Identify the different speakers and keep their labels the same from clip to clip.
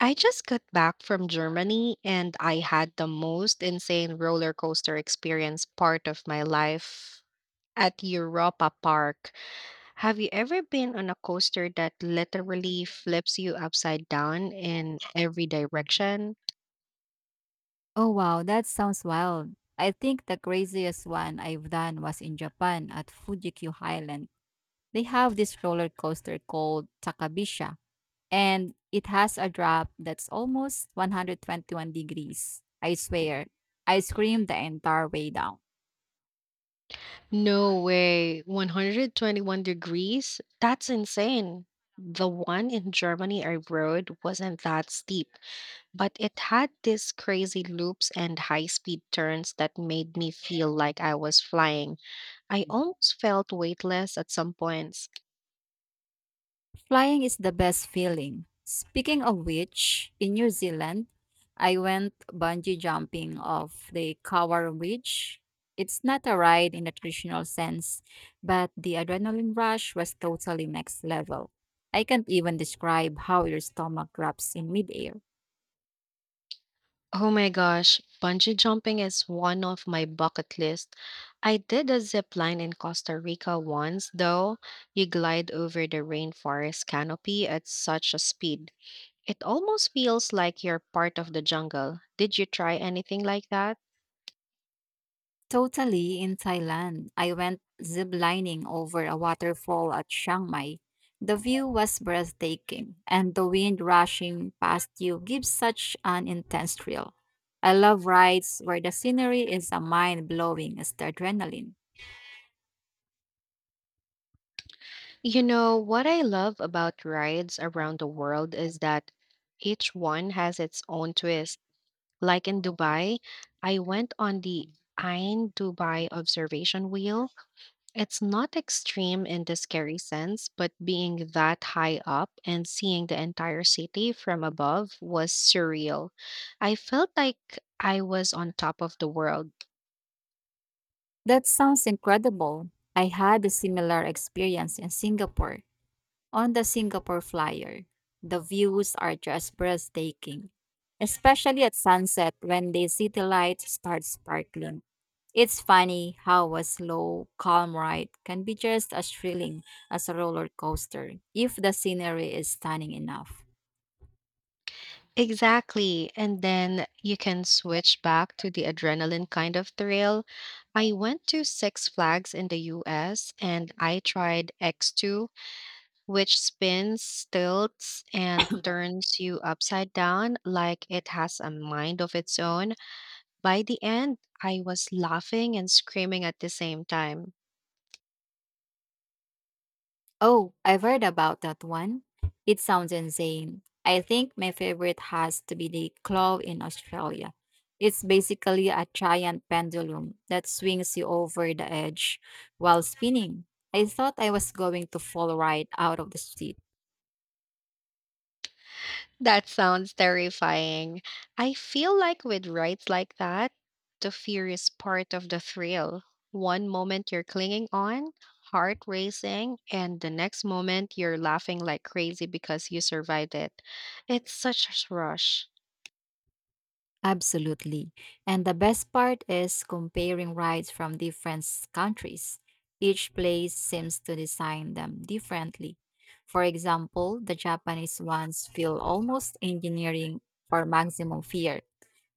Speaker 1: I just got back from Germany and I had the most insane roller coaster experience part of my life at Europa Park. Have you ever been on a coaster that literally flips you upside down in every direction?
Speaker 2: Oh wow, that sounds wild. I think the craziest one I've done was in Japan at Fuji Q Highland. They have this roller coaster called Takabisha and it has a drop that's almost 121 degrees. I swear, I screamed the entire way down.
Speaker 1: No way. 121 degrees? That's insane. The one in Germany I rode wasn't that steep, but it had these crazy loops and high speed turns that made me feel like I was flying. I almost felt weightless at some points.
Speaker 2: Flying is the best feeling. Speaking of which, in New Zealand, I went bungee jumping off the Kawar Ridge. It's not a ride in the traditional sense, but the adrenaline rush was totally next level. I can't even describe how your stomach drops in midair.
Speaker 1: Oh my gosh, bungee jumping is one of my bucket list. I did a zip line in Costa Rica once, though. You glide over the rainforest canopy at such a speed. It almost feels like you're part of the jungle. Did you try anything like that?
Speaker 2: Totally in Thailand. I went ziplining over a waterfall at Chiang Mai. The view was breathtaking, and the wind rushing past you gives such an intense thrill. I love rides where the scenery is a mind blowing as the adrenaline.
Speaker 1: You know, what I love about rides around the world is that each one has its own twist. Like in Dubai, I went on the Ain Dubai observation wheel. It's not extreme in the scary sense, but being that high up and seeing the entire city from above was surreal. I felt like I was on top of the world.
Speaker 2: That sounds incredible. I had a similar experience in Singapore. On the Singapore Flyer, the views are just breathtaking, especially at sunset when the city lights start sparkling. It's funny how a slow, calm ride can be just as thrilling as a roller coaster if the scenery is stunning enough.
Speaker 1: Exactly. And then you can switch back to the adrenaline kind of thrill. I went to Six Flags in the US and I tried X2, which spins, stilts, and turns you upside down like it has a mind of its own. By the end, I was laughing and screaming at the same time.
Speaker 2: Oh, I've heard about that one. It sounds insane. I think my favorite has to be the claw in Australia. It's basically a giant pendulum that swings you over the edge while spinning. I thought I was going to fall right out of the seat.
Speaker 1: That sounds terrifying. I feel like with rides like that, the fear is part of the thrill. One moment you're clinging on, heart racing, and the next moment you're laughing like crazy because you survived it. It's such a rush.
Speaker 2: Absolutely. And the best part is comparing rides from different countries. Each place seems to design them differently. For example, the Japanese ones feel almost engineering for maximum fear,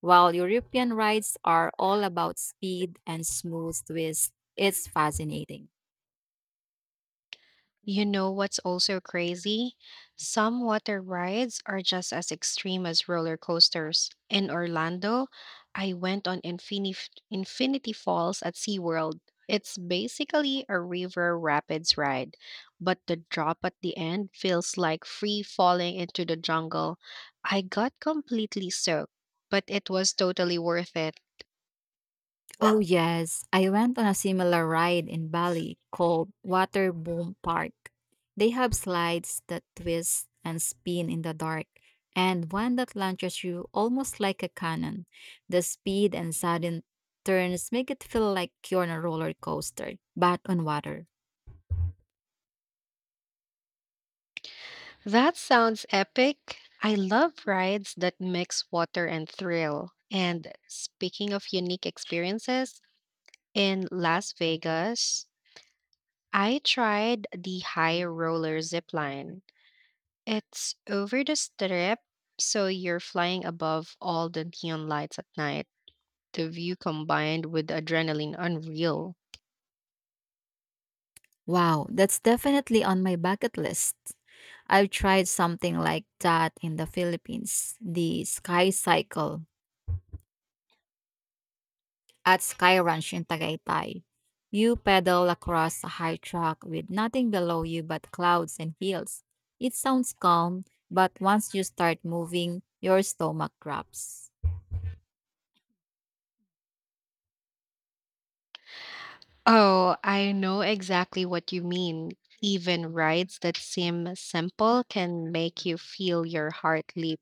Speaker 2: while European rides are all about speed and smooth twists. It's fascinating.
Speaker 1: You know what's also crazy? Some water rides are just as extreme as roller coasters. In Orlando, I went on Infinif Infinity Falls at SeaWorld. It's basically a river rapids ride, but the drop at the end feels like free falling into the jungle. I got completely soaked, but it was totally worth it.
Speaker 2: Oh, yes. I went on a similar ride in Bali called Water Boom Park. They have slides that twist and spin in the dark, and one that launches you almost like a cannon. The speed and sudden turns make it feel like you're on a roller coaster, but on water.
Speaker 1: That sounds epic. I love rides that mix water and thrill. And speaking of unique experiences, in Las Vegas, I tried the high roller zip line. It's over the strip, so you're flying above all the neon lights at night. The view combined with adrenaline unreal.
Speaker 2: Wow, that's definitely on my bucket list. I've tried something like that in the Philippines, the sky cycle. At Sky Ranch in Tagaytay, you pedal across a high track with nothing below you but clouds and hills. It sounds calm, but once you start moving, your stomach drops.
Speaker 1: Oh, I know exactly what you mean even rides that seem simple can make you feel your heart leap.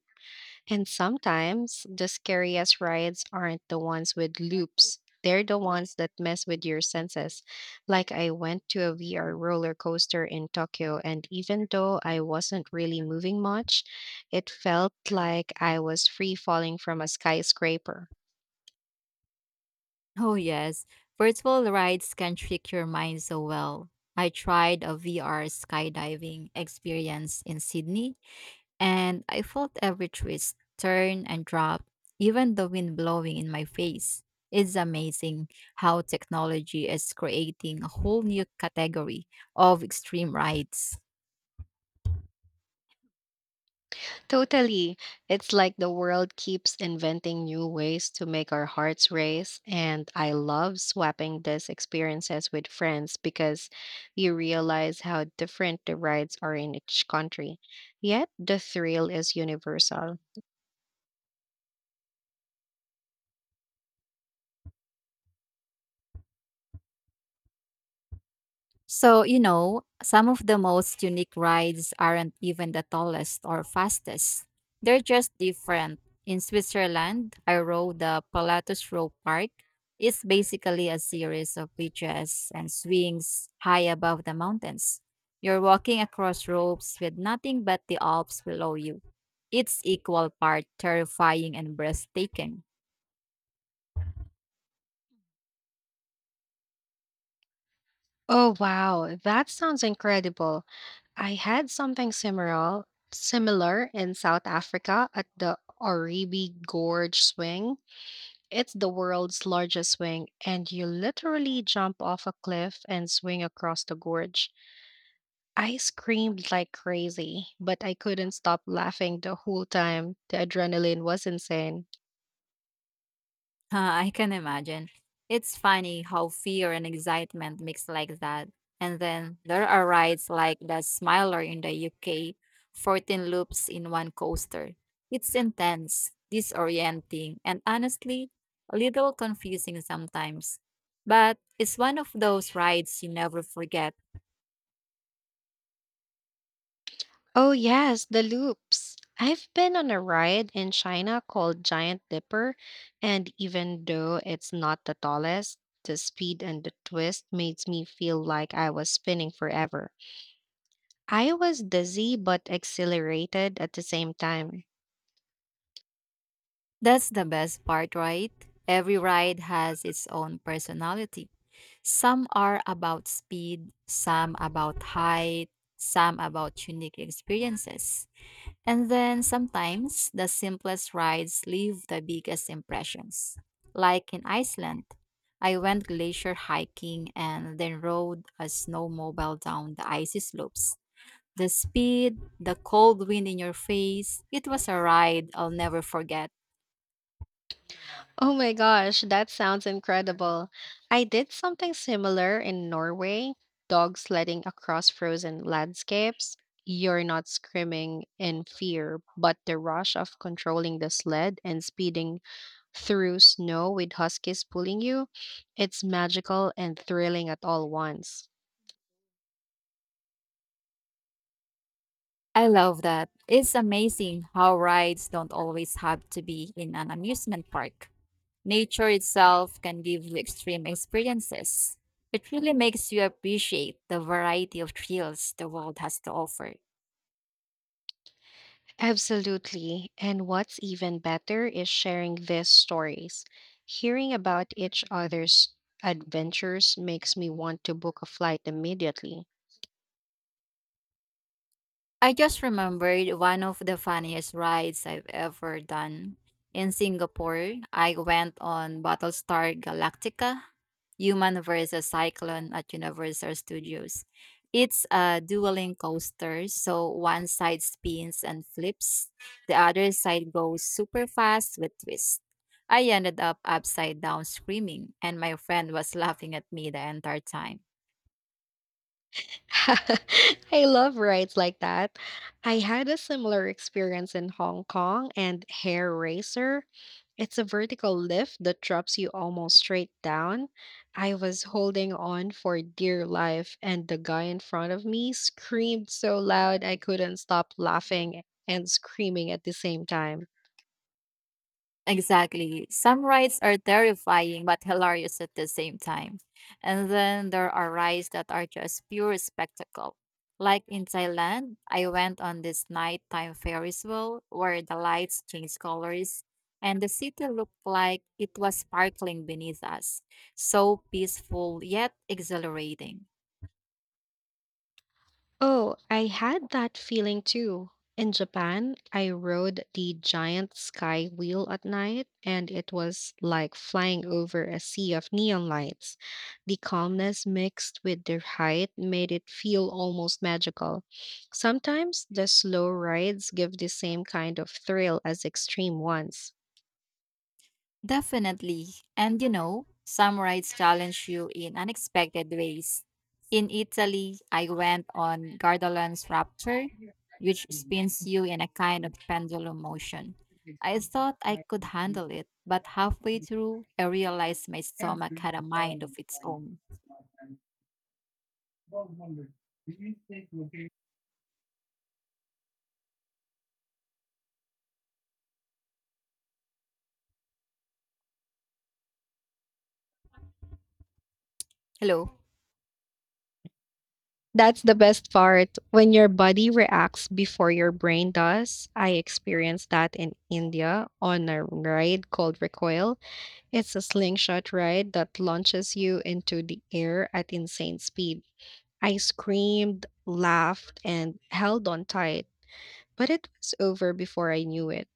Speaker 1: And sometimes the scariest rides aren't the ones with loops. They're the ones that mess with your senses. Like I went to a VR roller coaster in Tokyo, and even though I wasn't really moving much, it felt like I was free falling from a skyscraper.
Speaker 2: Oh, yes, virtual rides can trick your mind so well. I tried a VR skydiving experience in Sydney and I felt every twist, turn, and drop, even the wind blowing in my face. It's amazing how technology is creating a whole new category of extreme rides.
Speaker 1: Totally. It's like the world keeps inventing new ways to make our hearts race. And I love swapping these experiences with friends because you realize how different the rides are in each country. Yet the thrill is universal.
Speaker 2: So some of the most unique rides aren't even the tallest or fastest. They're just different. In Switzerland, I rode the Pilatus Row Park. It's basically a series of bridges and swings high above the mountains. You're walking across ropes with nothing but the Alps below you. It's equal part terrifying and breathtaking.
Speaker 1: Oh, wow. That sounds incredible. I had something similar in South Africa at the Oribi Gorge Swing. It's the world's largest swing, and you literally jump off a cliff and swing across the gorge. I screamed like crazy, but I couldn't stop laughing the whole time. The adrenaline was insane.
Speaker 2: I can imagine. It's funny how fear and excitement mix like that. And then there are rides like the Smiler in the UK, 14 loops in one coaster. It's intense, disorienting, and honestly, a little confusing sometimes. But it's one of those rides you never forget.
Speaker 1: Oh, yes, the loops. I've been on a ride in China called Giant Dipper, and even though it's not the tallest, the speed and the twist made me feel like I was spinning forever. I was dizzy but exhilarated at the same time.
Speaker 2: That's the best part, right? Every ride has its own personality. Some are about speed, some about height, some about unique experiences. And then sometimes the simplest rides leave the biggest impressions. Like in Iceland, I went glacier hiking and then rode a snowmobile down the icy slopes. The speed, the cold wind in your face, it was a ride I'll never forget.
Speaker 1: Oh my gosh, that sounds incredible. I did something similar in Norway, dog sledding across frozen landscapes. You're not screaming in fear, but the rush of controlling the sled and speeding through snow with huskies pulling you, it's magical and thrilling at all once.
Speaker 2: I love that. It's amazing how rides don't always have to be in an amusement park. Nature itself can give you extreme experiences. It really makes you appreciate the variety of thrills the world has to offer.
Speaker 1: Absolutely. And what's even better is sharing these stories. Hearing about each other's adventures makes me want to book a flight immediately.
Speaker 2: I just remembered one of the funniest rides I've ever done. In Singapore, I went on Battlestar Galactica, Human versus Cyclone at Universal Studios. It's a dueling coaster, so one side spins and flips, the other side goes super fast with twists. I ended up upside down screaming, and my friend was laughing at me the entire time.
Speaker 1: I love rides like that. I had a similar experience in Hong Kong and Hair Racer. It's a vertical lift that drops you almost straight down. I was holding on for dear life, and the guy in front of me screamed so loud I couldn't stop laughing and screaming at the same time.
Speaker 2: Exactly. Some rides are terrifying but hilarious at the same time. And then there are rides that are just pure spectacle. Like in Thailand, I went on this nighttime Ferris wheel where the lights changed colors and the city looked like it was sparkling beneath us. So peaceful yet exhilarating.
Speaker 1: Oh, I had that feeling too. In Japan, I rode the giant sky wheel at night, and it was like flying over a sea of neon lights. The calmness mixed with the height made it feel almost magical. Sometimes the slow rides give the same kind of thrill as extreme ones.
Speaker 2: Definitely. And you know, some rides challenge you in unexpected ways. In Italy, I went on Gardaland's Rapture, which spins you in a kind of pendulum motion. I thought I could handle it, but halfway through, I realized my stomach had a mind of its own. Hello.
Speaker 1: That's the best part. When your body reacts before your brain does, I experienced that in India on a ride called Recoil. It's a slingshot ride that launches you into the air at insane speed. I screamed, laughed, and held on tight, but it was over before I knew it.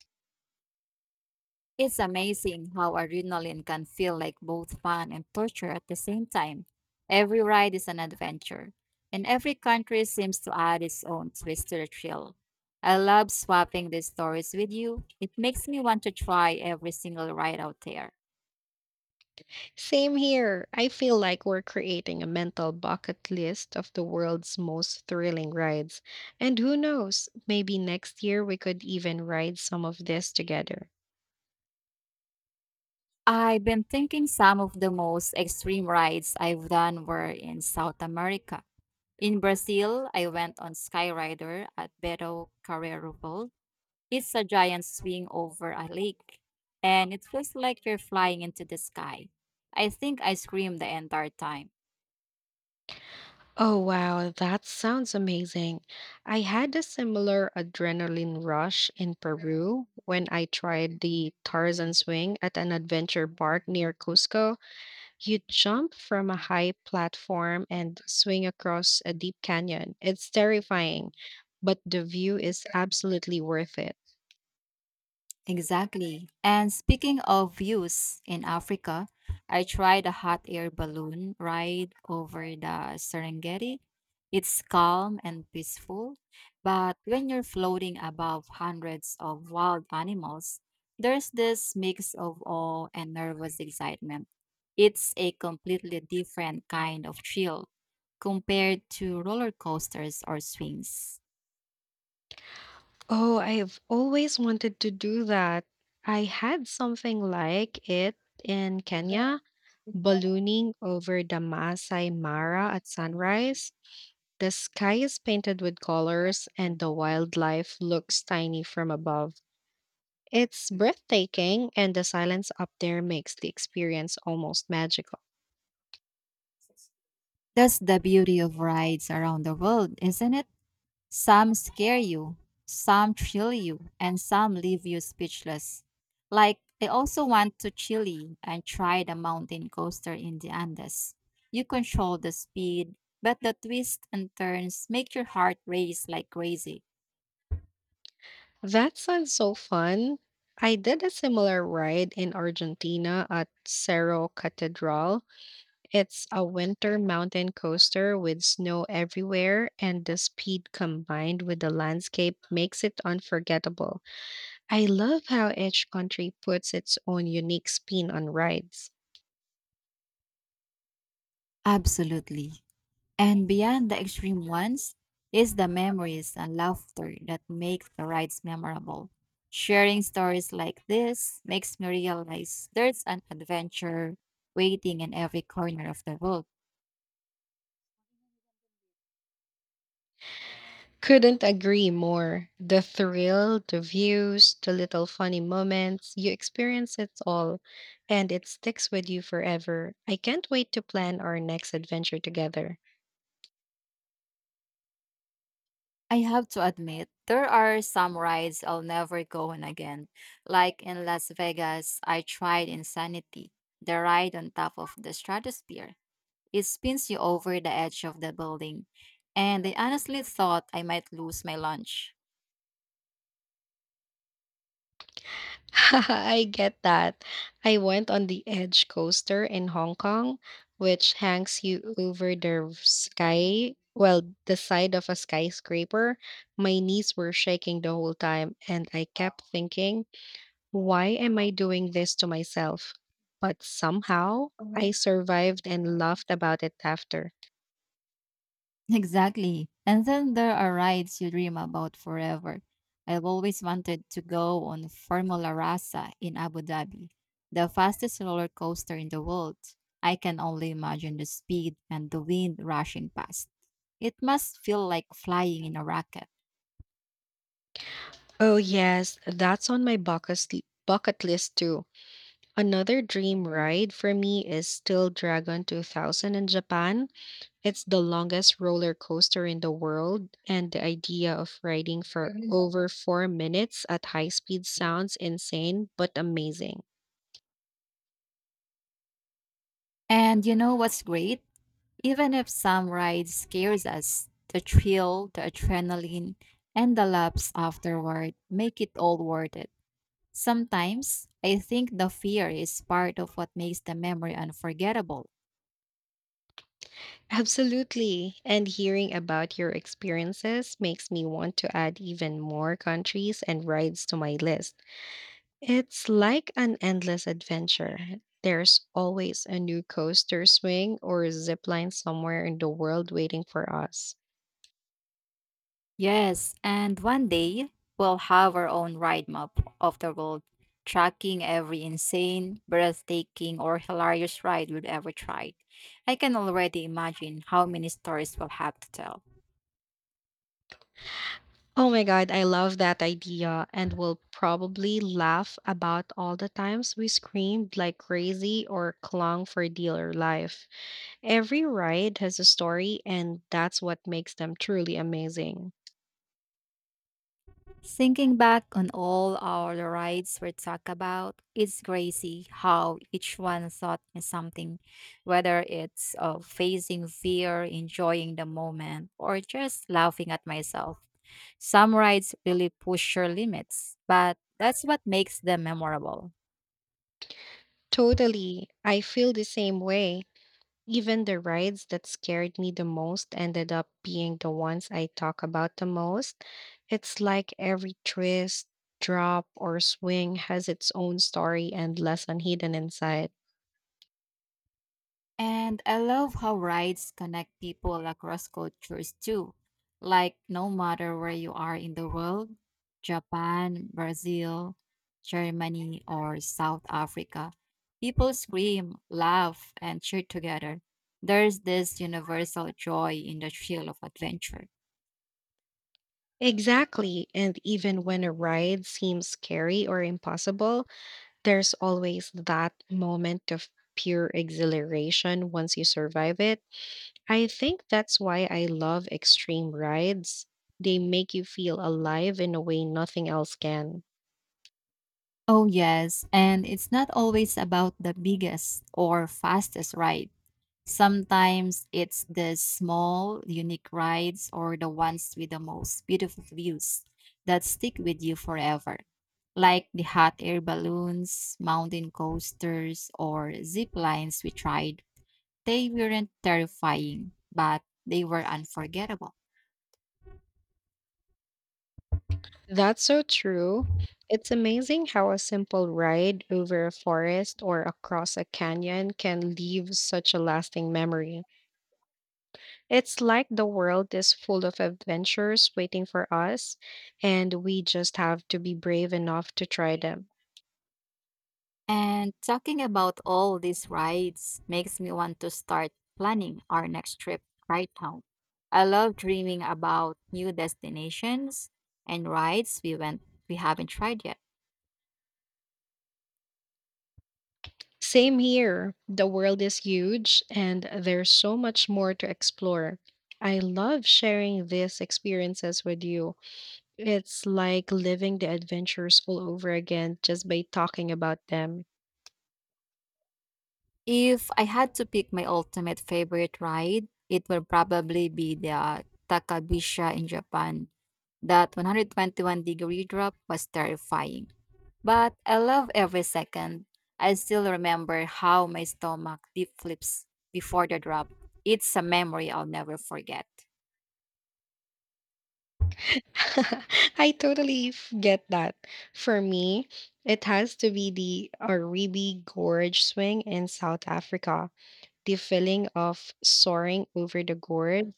Speaker 2: It's amazing how adrenaline can feel like both fun and torture at the same time. Every ride is an adventure, and every country seems to add its own twist to the thrill. I love swapping these stories with you. It makes me want to try every single ride out there.
Speaker 1: Same here. I feel like we're creating a mental bucket list of the world's most thrilling rides. And who knows, maybe next year we could even ride some of this together.
Speaker 2: I've been thinking some of the most extreme rides I've done were in South America. In Brazil, I went on Skyrider at Beto Carreiro Falls. It's a giant swing over a lake, and it feels like you're flying into the sky. I think I screamed the entire time.
Speaker 1: Oh, wow, that sounds amazing. I had a similar adrenaline rush in Peru when I tried the Tarzan swing at an adventure park near Cusco. You jump from a high platform and swing across a deep canyon. It's terrifying, but the view is absolutely worth it.
Speaker 2: Exactly. And speaking of views in Africa, I tried a hot air balloon ride over the Serengeti. It's calm and peaceful, but when you're floating above hundreds of wild animals, there's this mix of awe and nervous excitement. It's a completely different kind of thrill compared to roller coasters or swings.
Speaker 1: Oh, I've always wanted to do that. I had something like it in Kenya ballooning over the Masai Mara at sunrise. The sky is painted with colors, and the wildlife looks tiny from above. It's breathtaking, and the silence up there makes the experience almost magical.
Speaker 2: That's the beauty of rides around the world, isn't it? Some scare you, some thrill you, and some leave you speechless. Like, I also want to Chile and try the mountain coaster in the Andes. You control the speed, but the twists and turns make your heart race like crazy.
Speaker 1: That sounds so fun. I did a similar ride in Argentina at Cerro Catedral. It's a winter mountain coaster with snow everywhere, and the speed combined with the landscape makes it unforgettable. I love how each country puts its own unique spin on rides.
Speaker 2: Absolutely. And beyond the extreme ones is the memories and laughter that make the rides memorable. Sharing stories like this makes me realize there's an adventure waiting in every corner of the world.
Speaker 1: Couldn't agree more. The thrill, the views, the little funny moments, you experience it all, and it sticks with you forever. I can't wait to plan our next adventure together.
Speaker 2: I have to admit, there are some rides I'll never go on again. Like in Las Vegas, I tried Insanity, the ride on top of the stratosphere. It spins you over the edge of the building, and I honestly thought I might lose my lunch.
Speaker 1: I get that. I went on the Edge Coaster in Hong Kong, which hangs you over the sky, well, the side of a skyscraper. My knees were shaking the whole time, and I kept thinking, why am I doing this to myself? But somehow I survived and laughed about it after.
Speaker 2: Exactly. And then there are rides you dream about forever. I've always wanted to go on Formula Rasa in Abu Dhabi, the fastest roller coaster in the world. I can only imagine the speed and the wind rushing past. It must feel like flying in a rocket.
Speaker 1: Oh, yes, that's on my bucket list too. Another dream ride for me is still Dragon 2000 in Japan. It's the longest roller coaster in the world, and the idea of riding for over 4 minutes at high speed sounds insane but amazing.
Speaker 2: And you know what's great? Even if some ride scares us, the thrill, the adrenaline, and the laps afterward make it all worth it. Sometimes, I think the fear is part of what makes the memory unforgettable.
Speaker 1: Absolutely. And hearing about your experiences makes me want to add even more countries and rides to my list. It's like an endless adventure. There's always a new coaster swing or zip line somewhere in the world waiting for us.
Speaker 2: Yes, and one day, we'll have our own ride map of the world, tracking every insane, breathtaking, or hilarious ride we've ever tried. I can already imagine how many stories we'll have to tell.
Speaker 1: Oh my God, I love that idea and will probably laugh about all the times we screamed like crazy or clung for dear life. Every ride has a story, and that's what makes them truly amazing.
Speaker 2: Thinking back on all our rides we talked about, it's crazy how each one taught me something, whether it's facing fear, enjoying the moment, or just laughing at myself. Some rides really push your limits, but that's what makes them memorable.
Speaker 1: Totally. I feel the same way. Even the rides that scared me the most ended up being the ones I talk about the most. It's like every twist, drop, or swing has its own story and lesson hidden inside.
Speaker 2: And I love how rides connect people across cultures too. Like, no matter where you are in the world Japan, Brazil, Germany, or South Africa people scream, laugh, and cheer together. There's this universal joy in the thrill of adventure.
Speaker 1: Exactly. And even when a ride seems scary or impossible, there's always that moment of pure exhilaration once you survive it. I think that's why I love extreme rides. They make you feel alive in a way nothing else can.
Speaker 2: Oh, yes, and it's not always about the biggest or fastest ride. Sometimes it's the small, unique rides or the ones with the most beautiful views that stick with you forever, like the hot air balloons, mountain coasters, or zip lines we tried. They weren't terrifying, but they were unforgettable.
Speaker 1: That's so true. It's amazing how a simple ride over a forest or across a canyon can leave such a lasting memory. It's like the world is full of adventures waiting for us, and we just have to be brave enough to try them.
Speaker 2: And talking about all these rides makes me want to start planning our next trip right now. I love dreaming about new destinations and rides we haven't tried yet.
Speaker 1: Same here. The world is huge, and there's so much more to explore. I love sharing these experiences with you. It's like living the adventures all over again just by talking about them.
Speaker 2: If I had to pick my ultimate favorite ride, it will probably be the Takabisha in Japan. That 121-degree drop was terrifying. But I love every second. I still remember how my stomach deep flips before the drop. It's a memory I'll never forget.
Speaker 1: I totally get that. For me, it has to be the Aribi Gorge swing in South Africa. The feeling of soaring over the gorge,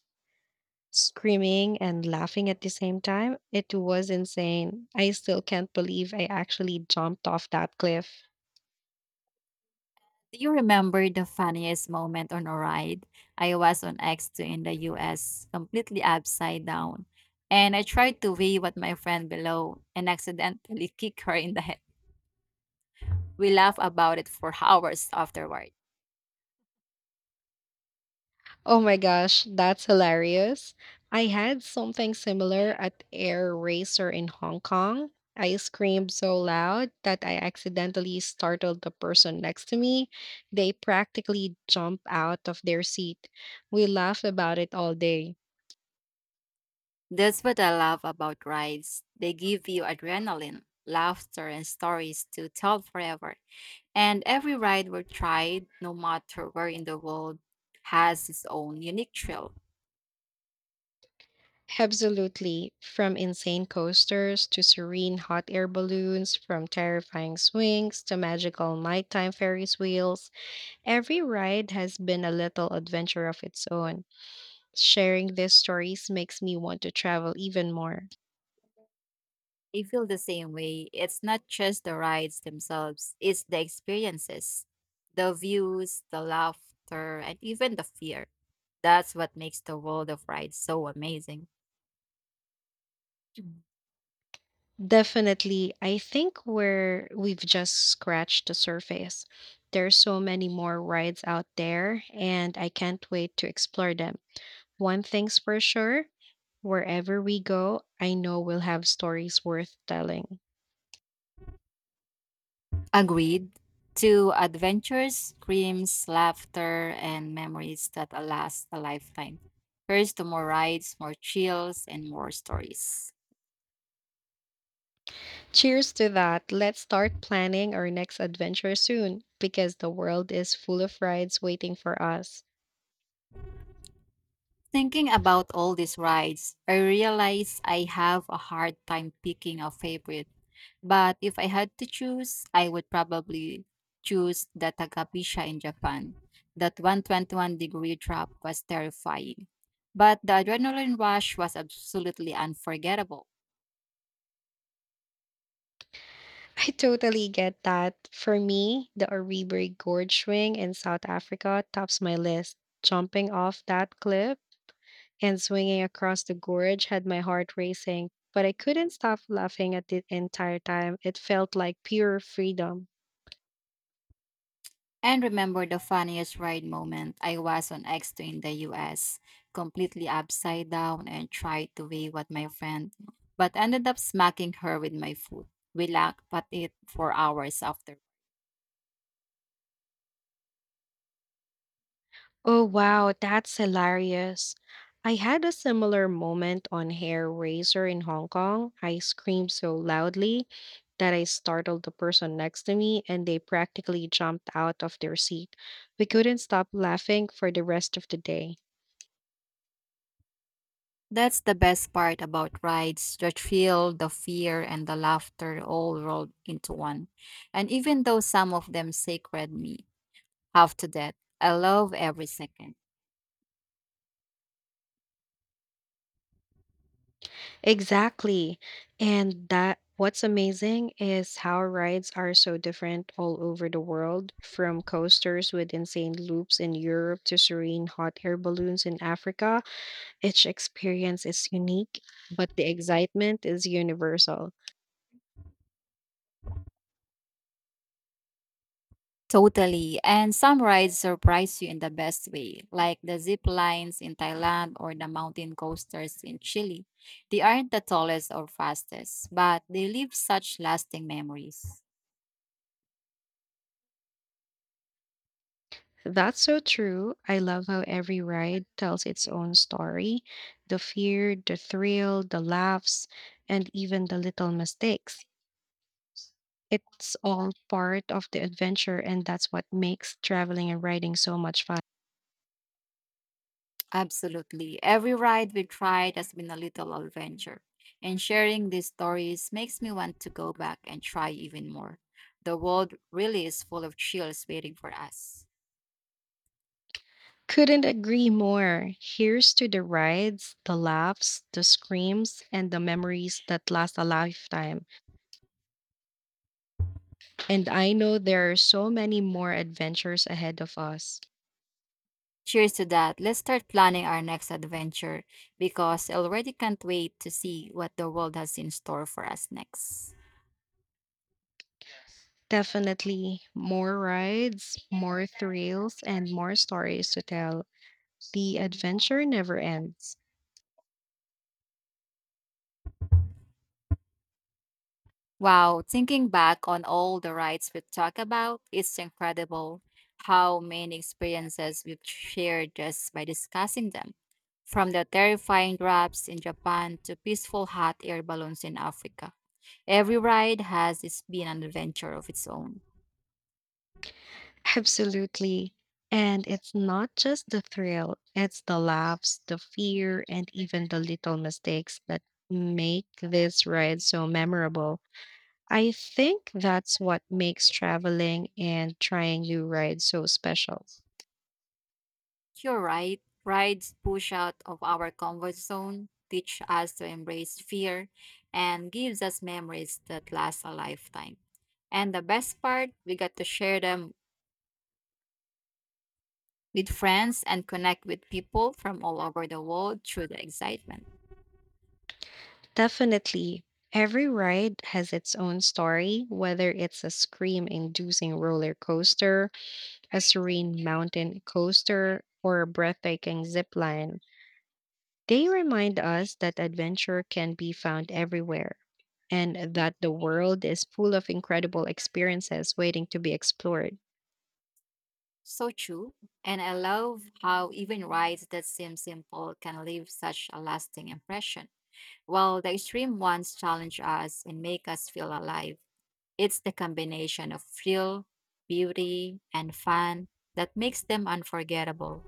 Speaker 1: screaming and laughing at the same time, it was insane. I still can't believe I actually jumped off that cliff.
Speaker 2: Do you remember the funniest moment on a ride? I was on X2 in the US, completely upside down. And I tried to wave at my friend below and accidentally kicked her in the head. We laughed about it for hours afterward.
Speaker 1: Oh my gosh, that's hilarious. I had something similar at Air Racer in Hong Kong. I screamed so loud that I accidentally startled the person next to me. They practically jumped out of their seat. We laughed about it all day.
Speaker 2: That's what I love about rides. They give you adrenaline, laughter, and stories to tell forever. And every ride we tried, no matter where in the world, has its own unique thrill.
Speaker 1: Absolutely. From insane coasters to serene hot air balloons, from terrifying swings to magical nighttime Ferris wheels, every ride has been a little adventure of its own. Sharing these stories makes me want to travel even more.
Speaker 2: I feel the same way. It's not just the rides themselves, it's the experiences, the views, the laughter, and even the fear. That's what makes the world of rides so amazing.
Speaker 1: Definitely, I think we've just scratched the surface. There's so many more rides out there and I can't wait to explore them. One thing's for sure, wherever we go, I know we'll have stories worth telling.
Speaker 2: Agreed. To adventures, screams, laughter, and memories that last a lifetime. Here's to more rides, more chills, and more stories.
Speaker 1: Cheers to that. Let's start planning our next adventure soon because the world is full of rides waiting for us.
Speaker 2: Thinking about all these rides, I realize I have a hard time picking a favorite. But if I had to choose, I would probably choose the Takabisha in Japan. That 121-degree drop was terrifying. But the adrenaline rush was absolutely unforgettable.
Speaker 1: I totally get that. For me, the Oribiri Gorge swing in South Africa tops my list. Jumping off that cliff and swinging across the gorge had my heart racing, but I couldn't stop laughing at it entire time. It felt like pure freedom.
Speaker 2: And remember the funniest ride moment? I was on X2 in the US, completely upside down and tried to wave at my friend, but ended up smacking her with my foot. We laughed at it for hours after.
Speaker 1: Oh, wow, that's hilarious. I had a similar moment on Hair Razor in Hong Kong. I screamed so loudly that I startled the person next to me and they practically jumped out of their seat. We couldn't stop laughing for the rest of the day.
Speaker 2: That's the best part about rides, the thrill, the fear, and the laughter all rolled into one. And even though some of them sacred me, half to death, I love every second.
Speaker 1: Exactly. And that what's amazing is how rides are so different all over the world, from coasters with insane loops in Europe to serene hot air balloons in Africa. Each experience is unique, but the excitement is universal.
Speaker 2: Totally. And some rides surprise you in the best way, like the zip lines in Thailand or the mountain coasters in Chile. They aren't the tallest or fastest, but they leave such lasting memories.
Speaker 1: That's so true. I love how every ride tells its own story the fear, the thrill, the laughs, and even the little mistakes. It's all part of the adventure, and that's what makes traveling and riding so much fun.
Speaker 2: Absolutely. Every ride we tried has been a little adventure. And sharing these stories makes me want to go back and try even more. The world really is full of chills waiting for us.
Speaker 1: Couldn't agree more. Here's to the rides, the laughs, the screams, and the memories that last a lifetime. And I know there are so many more adventures ahead of us.
Speaker 2: Cheers to that. Let's start planning our next adventure because I already can't wait to see what the world has in store for us next.
Speaker 1: Definitely more rides, more thrills, and more stories to tell. The adventure never ends.
Speaker 2: Wow, thinking back on all the rides we talked about, it's incredible how many experiences we've shared just by discussing them. From the terrifying drops in Japan to peaceful hot air balloons in Africa, every ride has its been an adventure of its own.
Speaker 1: Absolutely. And it's not just the thrill, it's the laughs, the fear, and even the little mistakes that make this ride so memorable. I think that's what makes traveling and trying new rides so special.
Speaker 2: You're right. Rides push out of our comfort zone, teach us to embrace fear, and gives us memories that last a lifetime. And the best part, we got to share them with friends and connect with people from all over the world through the excitement.
Speaker 1: Definitely. Every ride has its own story, whether it's a scream inducing roller coaster, a serene mountain coaster, or a breathtaking zip line. They remind us that adventure can be found everywhere and that the world is full of incredible experiences waiting to be explored.
Speaker 2: So true. And I love how even rides that seem simple can leave such a lasting impression, while the extreme ones challenge us and make us feel alive. It's the combination of thrill, beauty, and fun that makes them unforgettable.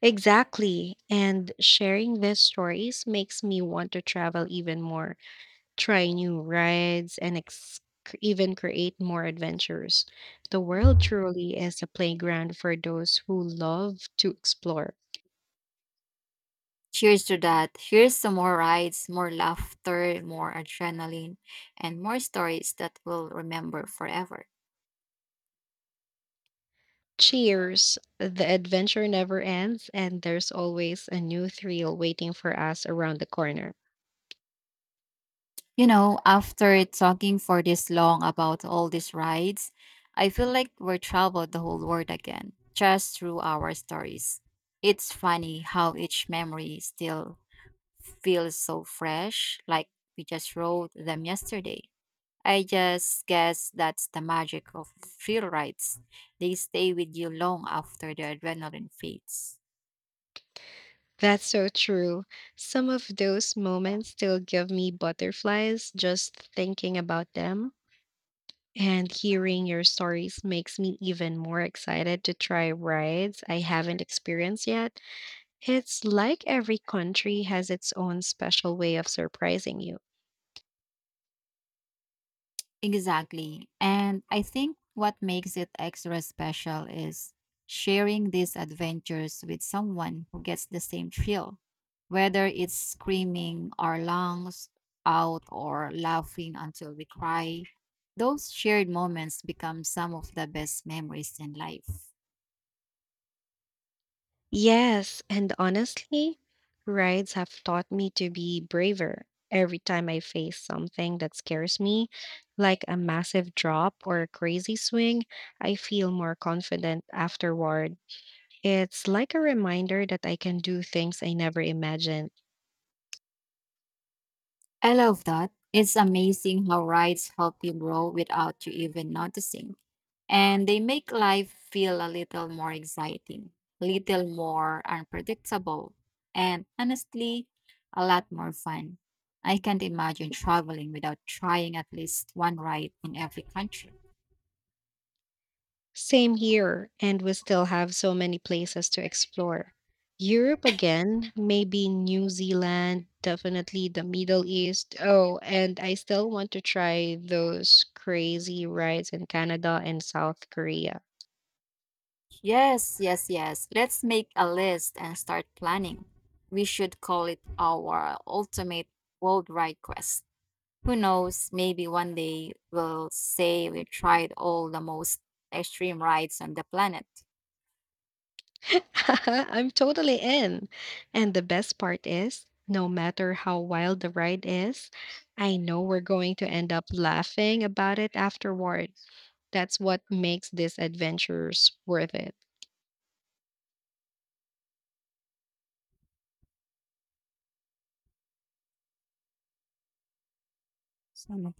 Speaker 1: Exactly. And sharing these stories makes me want to travel even more. Try new rides, and even create more adventures. The world truly is a playground for those who love to explore.
Speaker 2: Cheers to that. Here's some more rides, more laughter, more adrenaline, and more stories that we'll remember forever.
Speaker 1: Cheers! The adventure never ends, and there's always a new thrill waiting for us around the corner.
Speaker 2: You know, after talking for this long about all these rides, I feel like we're traveled the whole world again, just through our stories. It's funny how each memory still feels so fresh, like we just wrote them yesterday. I just guess that's the magic of thrill rides. They stay with you long after the adrenaline fades.
Speaker 1: That's so true. Some of those moments still give me butterflies just thinking about them. And hearing your stories makes me even more excited to try rides I haven't experienced yet. It's like every country has its own special way of surprising you.
Speaker 2: Exactly. And I think what makes it extra special is sharing these adventures with someone who gets the same thrill, whether it's screaming our lungs out or laughing until we cry. Those shared moments become some of the best memories in life.
Speaker 1: Yes, and honestly, rides have taught me to be braver every time I face something that scares me, like a massive drop or a crazy swing. I feel more confident afterward. It's like a reminder that I can do things I never imagined.
Speaker 2: I love that. It's amazing how rides help you grow without you even noticing. And they make life feel a little more exciting, little more unpredictable, and honestly, a lot more fun. I can't imagine traveling without trying at least one ride in every country.
Speaker 1: Same here, and we still have so many places to explore. Europe again, maybe New Zealand, definitely the Middle East. Oh, and I still want to try those crazy rides in Canada and South Korea.
Speaker 2: Yes, yes, yes. Let's make a list and start planning. We should call it our ultimate world ride quest. Who knows, maybe one day we'll say we tried all the most extreme rides on the planet.
Speaker 1: I'm totally in. And the best part is, no matter how wild the ride is, I know we're going to end up laughing about it afterward. That's what makes these adventures worth it.
Speaker 2: So